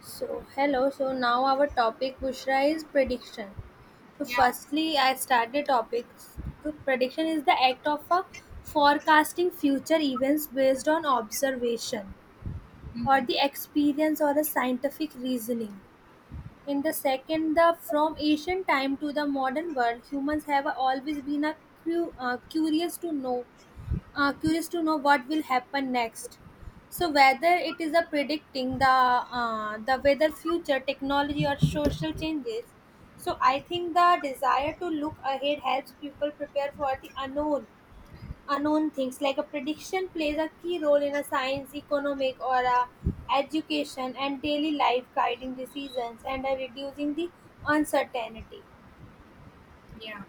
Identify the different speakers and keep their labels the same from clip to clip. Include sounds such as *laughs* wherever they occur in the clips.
Speaker 1: So, hello. So, now our topic, Bushra, is prediction. So,
Speaker 2: Yeah.
Speaker 1: firstly, I start the topic. So, prediction is the act of a forecasting future events based on observation or
Speaker 2: Mhm.
Speaker 1: the experience or a scientific reasoning. In the second, the from ancient time to the modern world, humans have always been a cu- uh, curious to know curious to know what will happen next, so whether it is a predicting the weather, future technology, or social changes. So I think the desire to look ahead helps people prepare for the unknown, unknown things. Like a prediction plays a key role in a science, economic, or a education and daily life, guiding decisions and are reducing the uncertainty.
Speaker 2: Yeah.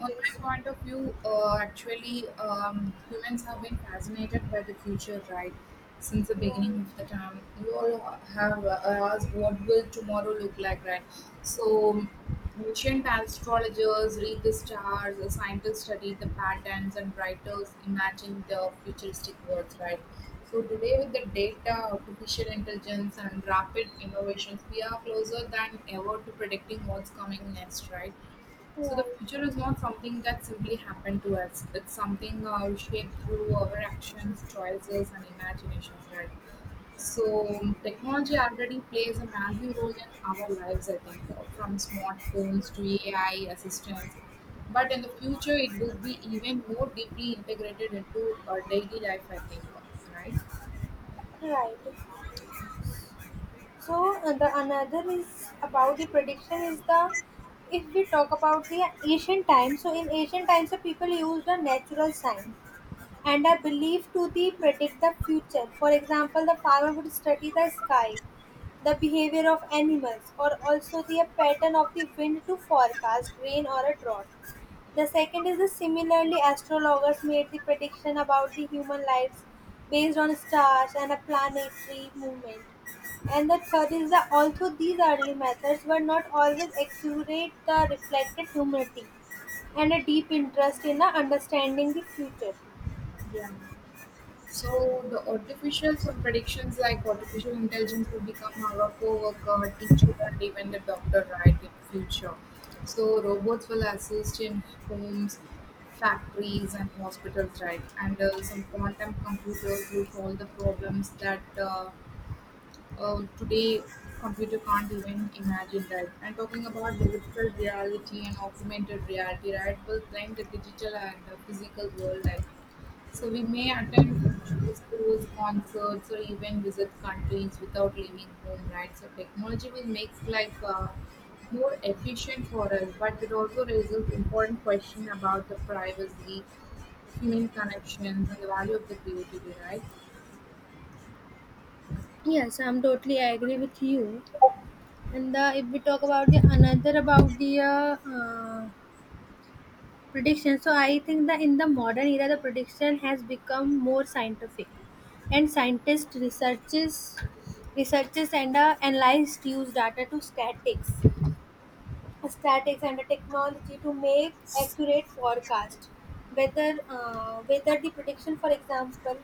Speaker 2: On my
Speaker 1: so
Speaker 2: point of view, humans have been fascinated by the future, right? Since the
Speaker 1: right,
Speaker 2: beginning of the time, we all have asked what will tomorrow look like, right? So, ancient astrologers read the stars, the scientists study the patterns, and writers imagine the futuristic worlds, right? So today, with the data, artificial intelligence, and rapid innovations, we are closer than ever to predicting what's coming next, right? So the
Speaker 1: right,
Speaker 2: future is not something that simply happened to us. It's something shaped through our actions, choices, and imaginations, right? So technology already plays a massive role in our lives, I think, from smartphones to AI assistants. But in the future, it will be even more deeply integrated into our daily life, I think, right?
Speaker 1: right. So the another is about the prediction is the if we talk about the ancient times. So in ancient times, the people used a natural sign and are believed to the predict the future. For example, the farmer would study the sky, the behavior of animals, or also the pattern of the wind to forecast rain or a drought. The second is the similarly astrologers made the prediction about the human lives based on stars and a planetary movement. And the third is that although these early methods were not always accurate, the reflected humility and a deep interest in understanding the future.
Speaker 2: Yeah. So the artificial some predictions like artificial intelligence will become our co-worker, teacher, and even the doctor, right, in future. So robots will assist in homes, factories, and hospitals, right? And some quantum computers will solve the problems that today computer can't even imagine, right. And talking about the virtual reality and augmented reality, right, will blend the digital and the physical world, I think. So we may attend schools, concerts, or even visit countries without leaving home, right? So technology will make like more efficient for us, but it also raises important question about the privacy, human connections, and the value of the creativity, right?
Speaker 1: Yes, I'm totally agree with you. And the, if we talk about the another about the prediction, so I think that in the modern era, the prediction has become more scientific, and researchers and analyze use data to statistics statics and the technology to make accurate forecast, whether the prediction, for example,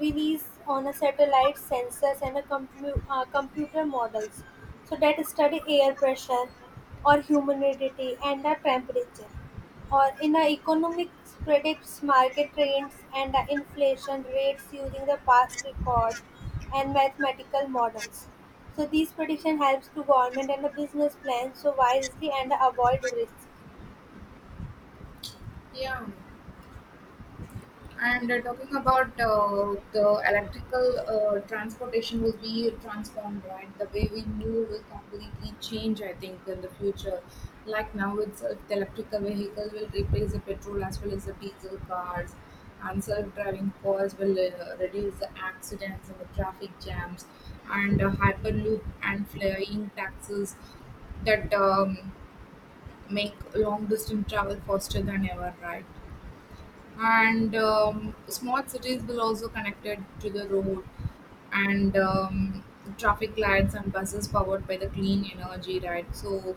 Speaker 1: release on a satellite sensors and a computer models, so that study air pressure or humidity and the temperature, or in a economics predicts market trends and the inflation rates using the past record and mathematical models. So these prediction helps to government and the business plan so wisely and avoid risk.
Speaker 2: Yeah. And talking about the electrical transportation will be transformed, right? The way we move will completely change, I think, in the future. Like now itself, the electrical vehicle will replace the petrol as well as the diesel cars, and self-driving cars will reduce the accidents and the traffic jams, and hyperloop and flying taxis that make long-distance travel faster than ever, right? And small cities will also connected to the road, and traffic lights and buses powered by the clean energy, right? So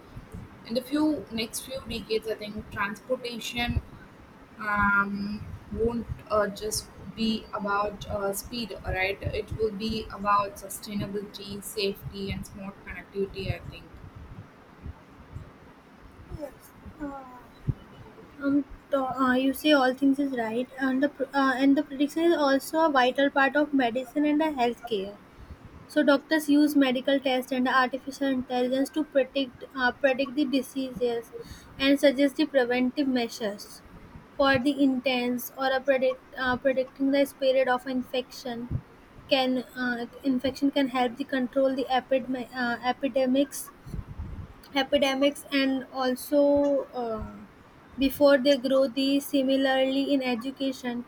Speaker 2: in the few next few decades, I think transportation um, won't just be about speed, right. It will be about sustainability, safety, and smart connectivity, I think.
Speaker 1: Yes. Uh, um, you say all things is right, and the prediction is also a vital part of medicine and the healthcare. So doctors use medical tests and artificial intelligence to predict the diseases and suggest the preventive measures for the intense or a predicting the spread of infection. Can infection can help the control the epidemics and also before they grow. These similarly in education,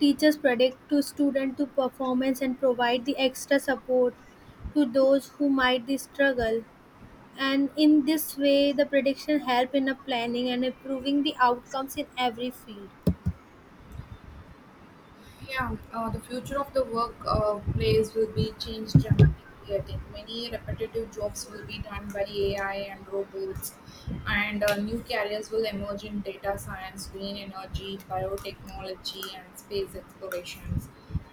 Speaker 1: teachers predict to student to performance and provide the extra support to those who might the struggle. And in this way the prediction help in a planning and improving the outcomes in every field.
Speaker 2: Yeah, the future of the workplace will be changed dramatically. I think many repetitive jobs will be done by AI and robots, and new careers will emerge in data science, green energy, biotechnology, and space explorations,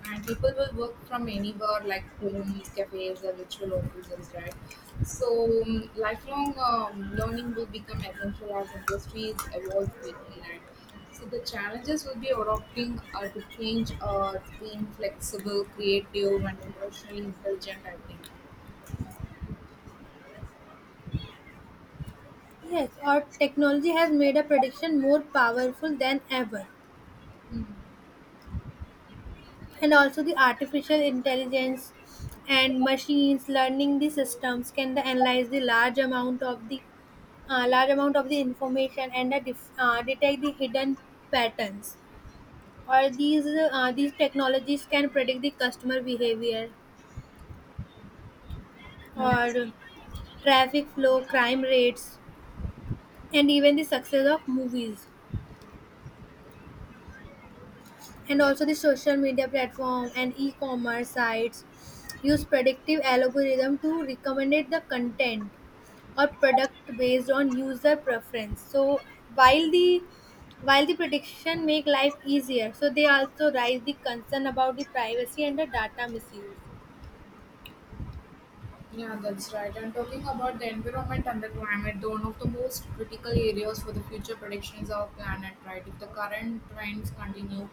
Speaker 2: and people will work from anywhere like homes, cafes, or virtual offices, right? So lifelong learning will become essential as industries evolve quickly, right. So the challenges will be adopting to change, being flexible, creative, and emotionally intelligent, I think.
Speaker 1: Yes, our technology has made a prediction more powerful than ever, and also the artificial intelligence and machines learning the systems can the analyze the large amount of the large amount of the information and detect the hidden patterns. Or these technologies can predict the customer behavior
Speaker 2: Yeah.
Speaker 1: or traffic flow, crime rates, and even the success of movies, and
Speaker 2: Yeah.
Speaker 1: also the social media platform and e-commerce sites use predictive algorithm to recommend the content or product based on user preference. So while the while the prediction make life easier, so they also raise the concern about the privacy and the data misuse.
Speaker 2: Yeah, that's right. And talking about the environment and the climate, the one of the most critical areas for the future prediction is our planet, right? If the current trends continue,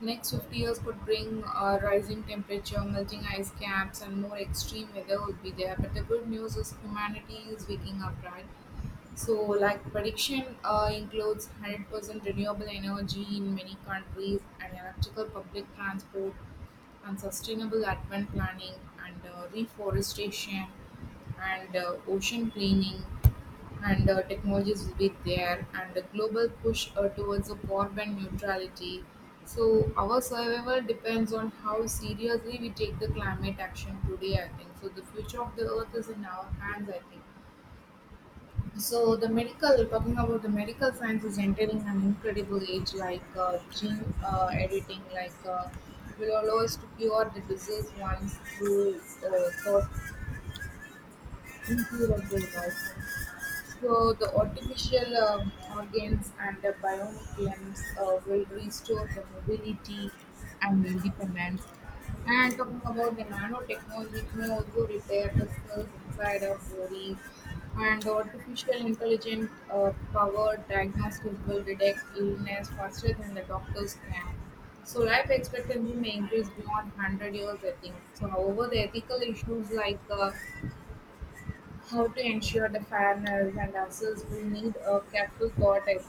Speaker 2: next 50 years could bring rising temperature, melting ice caps, and more extreme weather would be there. But the good news is humanity is waking up, right? So, like prediction includes 100% renewable energy in many countries, and electrical public transport, and sustainable urban planning, and reforestation, and ocean cleaning, and technologies will be there, and a global push towards a carbon neutrality. So our survival depends on how seriously we take the climate action today, I think. So the future of the earth is in our hands, I think. So the medical, talking about the medical science is entering an incredible age like gene editing, like will allow us to cure the disease once through thought incurable, right? So the artificial organs and the bionic limbs will restore the mobility and independence. And talking about the nanotechnology, it may also repair the cells inside our bodies. And artificial intelligent powered diagnostic will detect illness faster than the doctors can. So life expectancy may increase beyond 100 years, I think. So however, the ethical issues like how to ensure the fairness and answers will need a careful thought, I think.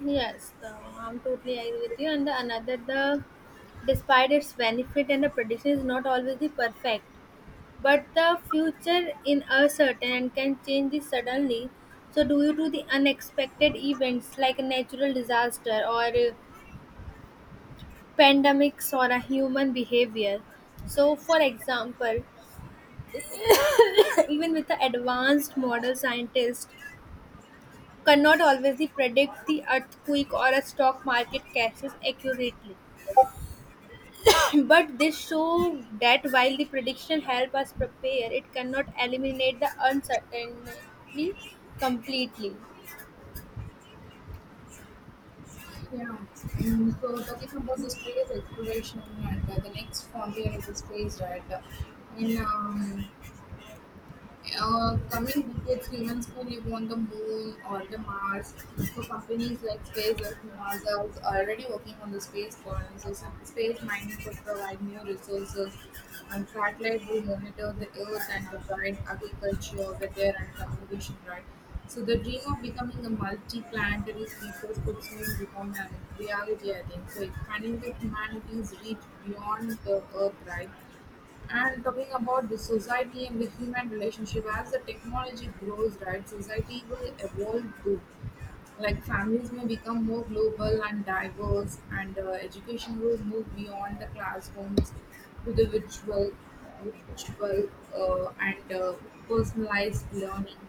Speaker 1: Yes, the, I'm totally agree with you. And the, another, the despite its benefit and the prediction is not always the perfect, but the future in uncertain and can change this suddenly, so due to the unexpected events like a natural disaster or pandemics or a human behavior. So, for example, *laughs* *coughs* even with the advanced model, scientists cannot always the predict the earthquake or a stock market crashes accurately. *clears throat* But this show that while the prediction help us prepare, it cannot eliminate the uncertainty completely.
Speaker 2: Yeah. Mm, so talking about the space exploration and the next frontier is the space, right? In coming decades, humans could live on the moon or the Mars. So companies like SpaceX and NASA is already working on the space colonization. Space mining could provide new resources, and satellite will monitor the Earth and provide agriculture, weather, and communication. Right. So the dream of becoming a multi-planetary species could soon become a reality. I think so. Expanding the humanity's reach beyond the Earth. Right. And talking about the society and the human relationship, as the technology grows, right, society will evolve too. Like families may become more global and diverse, and education will move beyond the classrooms to the virtual, and personalized learning.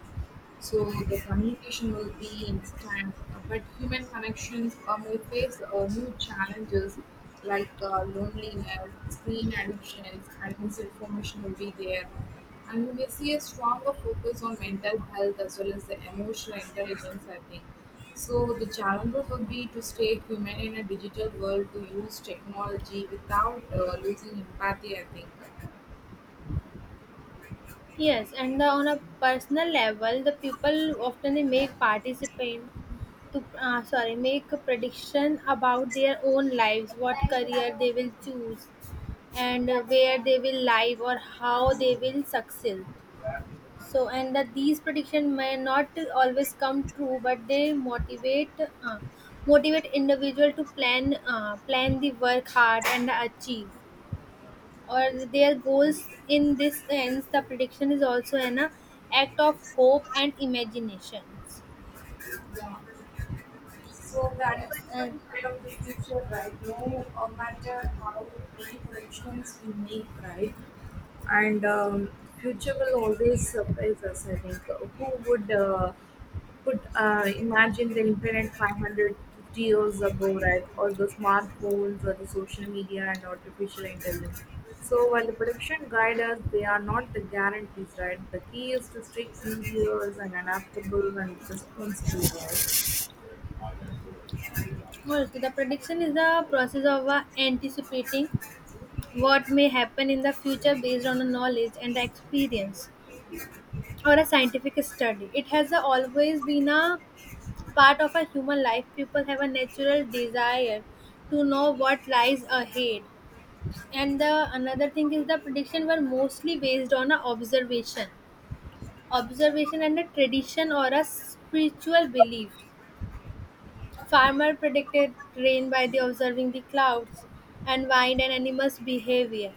Speaker 2: So the communication will be instant, but human connections may face new challenges like loneliness, screen addictions, and misinformation will be there. And we may see a stronger focus on mental health as well as the emotional intelligence, I think. So the challenges would be to stay human in a digital world, to use technology without losing empathy, I think.
Speaker 1: Yes, and the, on a personal level, the people often they make participant to sorry, make a prediction about their own lives, what career they will choose, and where they will live or how they will succeed. So, and that these prediction may not always come true, but they motivate individual to plan the work hard and achieve or their goals. In this sense, the prediction is also an act of hope and imaginations.
Speaker 2: Yeah. So the
Speaker 1: Yes, and
Speaker 2: environmental kind of the future, right? No matter how many corrections we make, right? And future will always surprise us, I think. Who would could imagine the internet 550 years ago, right? Or the smartphones, or the social media and artificial intelligence. So while the prediction guide us, they are not the guarantees, right? The key is to stay curious and adaptable and responsible, right?
Speaker 1: also the prediction is the process of anticipating what may happen in the future based on a knowledge and the experience or a scientific study. It has always been a part of a human life. People have a natural desire to know what lies ahead. And the another thing is the prediction were mostly based on a observation and a tradition or a spiritual belief. Farmer predicted rain by the observing the clouds and wind and animals' behavior.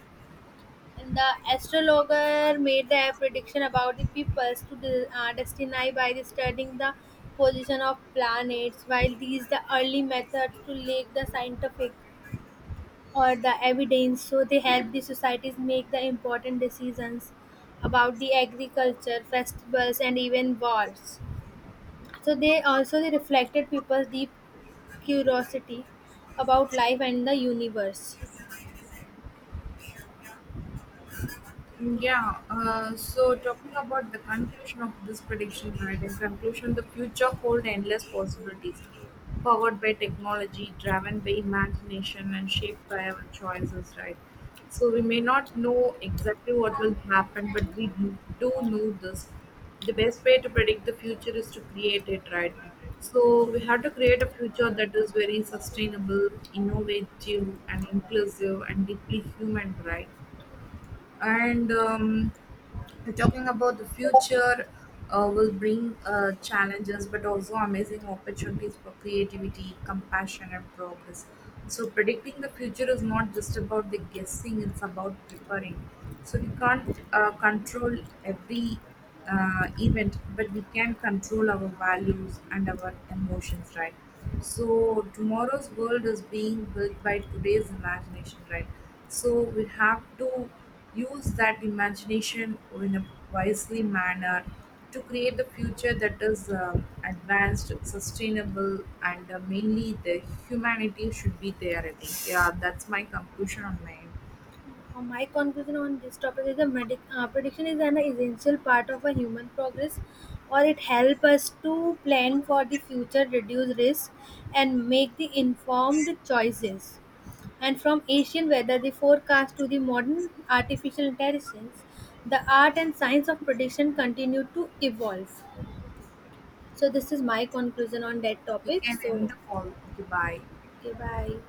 Speaker 1: And the astrologer made their prediction about the peoples to the destiny by the studying the position of planets, while these the early methods to lake the scientific or the evidence, so they help the societies make the important decisions about the agriculture, festivals, and even wars. So they also they reflected people's deep curiosity about life and the universe.
Speaker 2: Yeah, so talking about the conclusion of this prediction, right? In conclusion, the future hold endless possibilities, powered by technology, driven by imagination, and shaped by our choices, right? So we may not know exactly what will happen, but we do know this. The best way to predict the future is to create it, right? So we have to create a future that is very sustainable, innovative, and inclusive, and deeply human, right? And talking about the future will bring challenges, but also amazing opportunities for creativity, compassion, and progress. So predicting the future is not just about the guessing, it's about preparing. So we can't control every event, but we can control our values and our emotions, right. So tomorrow's world is being built by today's imagination, right. So we have to use that imagination in a wisely manner to create the future that is advanced, sustainable, and mainly the humanity should be there. I think. Yeah, that's my conclusion on my.
Speaker 1: My conclusion on this topic is the prediction is an essential part of a human progress, or it helps us to plan for the future, reduce risk, and make the informed choices. And from Asian weather, the forecast to the modern artificial intelligence, the art and science of prediction continue to evolve. So this is my conclusion on that
Speaker 2: We
Speaker 1: topic.
Speaker 2: can end
Speaker 1: So
Speaker 2: the call. Okay, bye.
Speaker 1: okay, bye.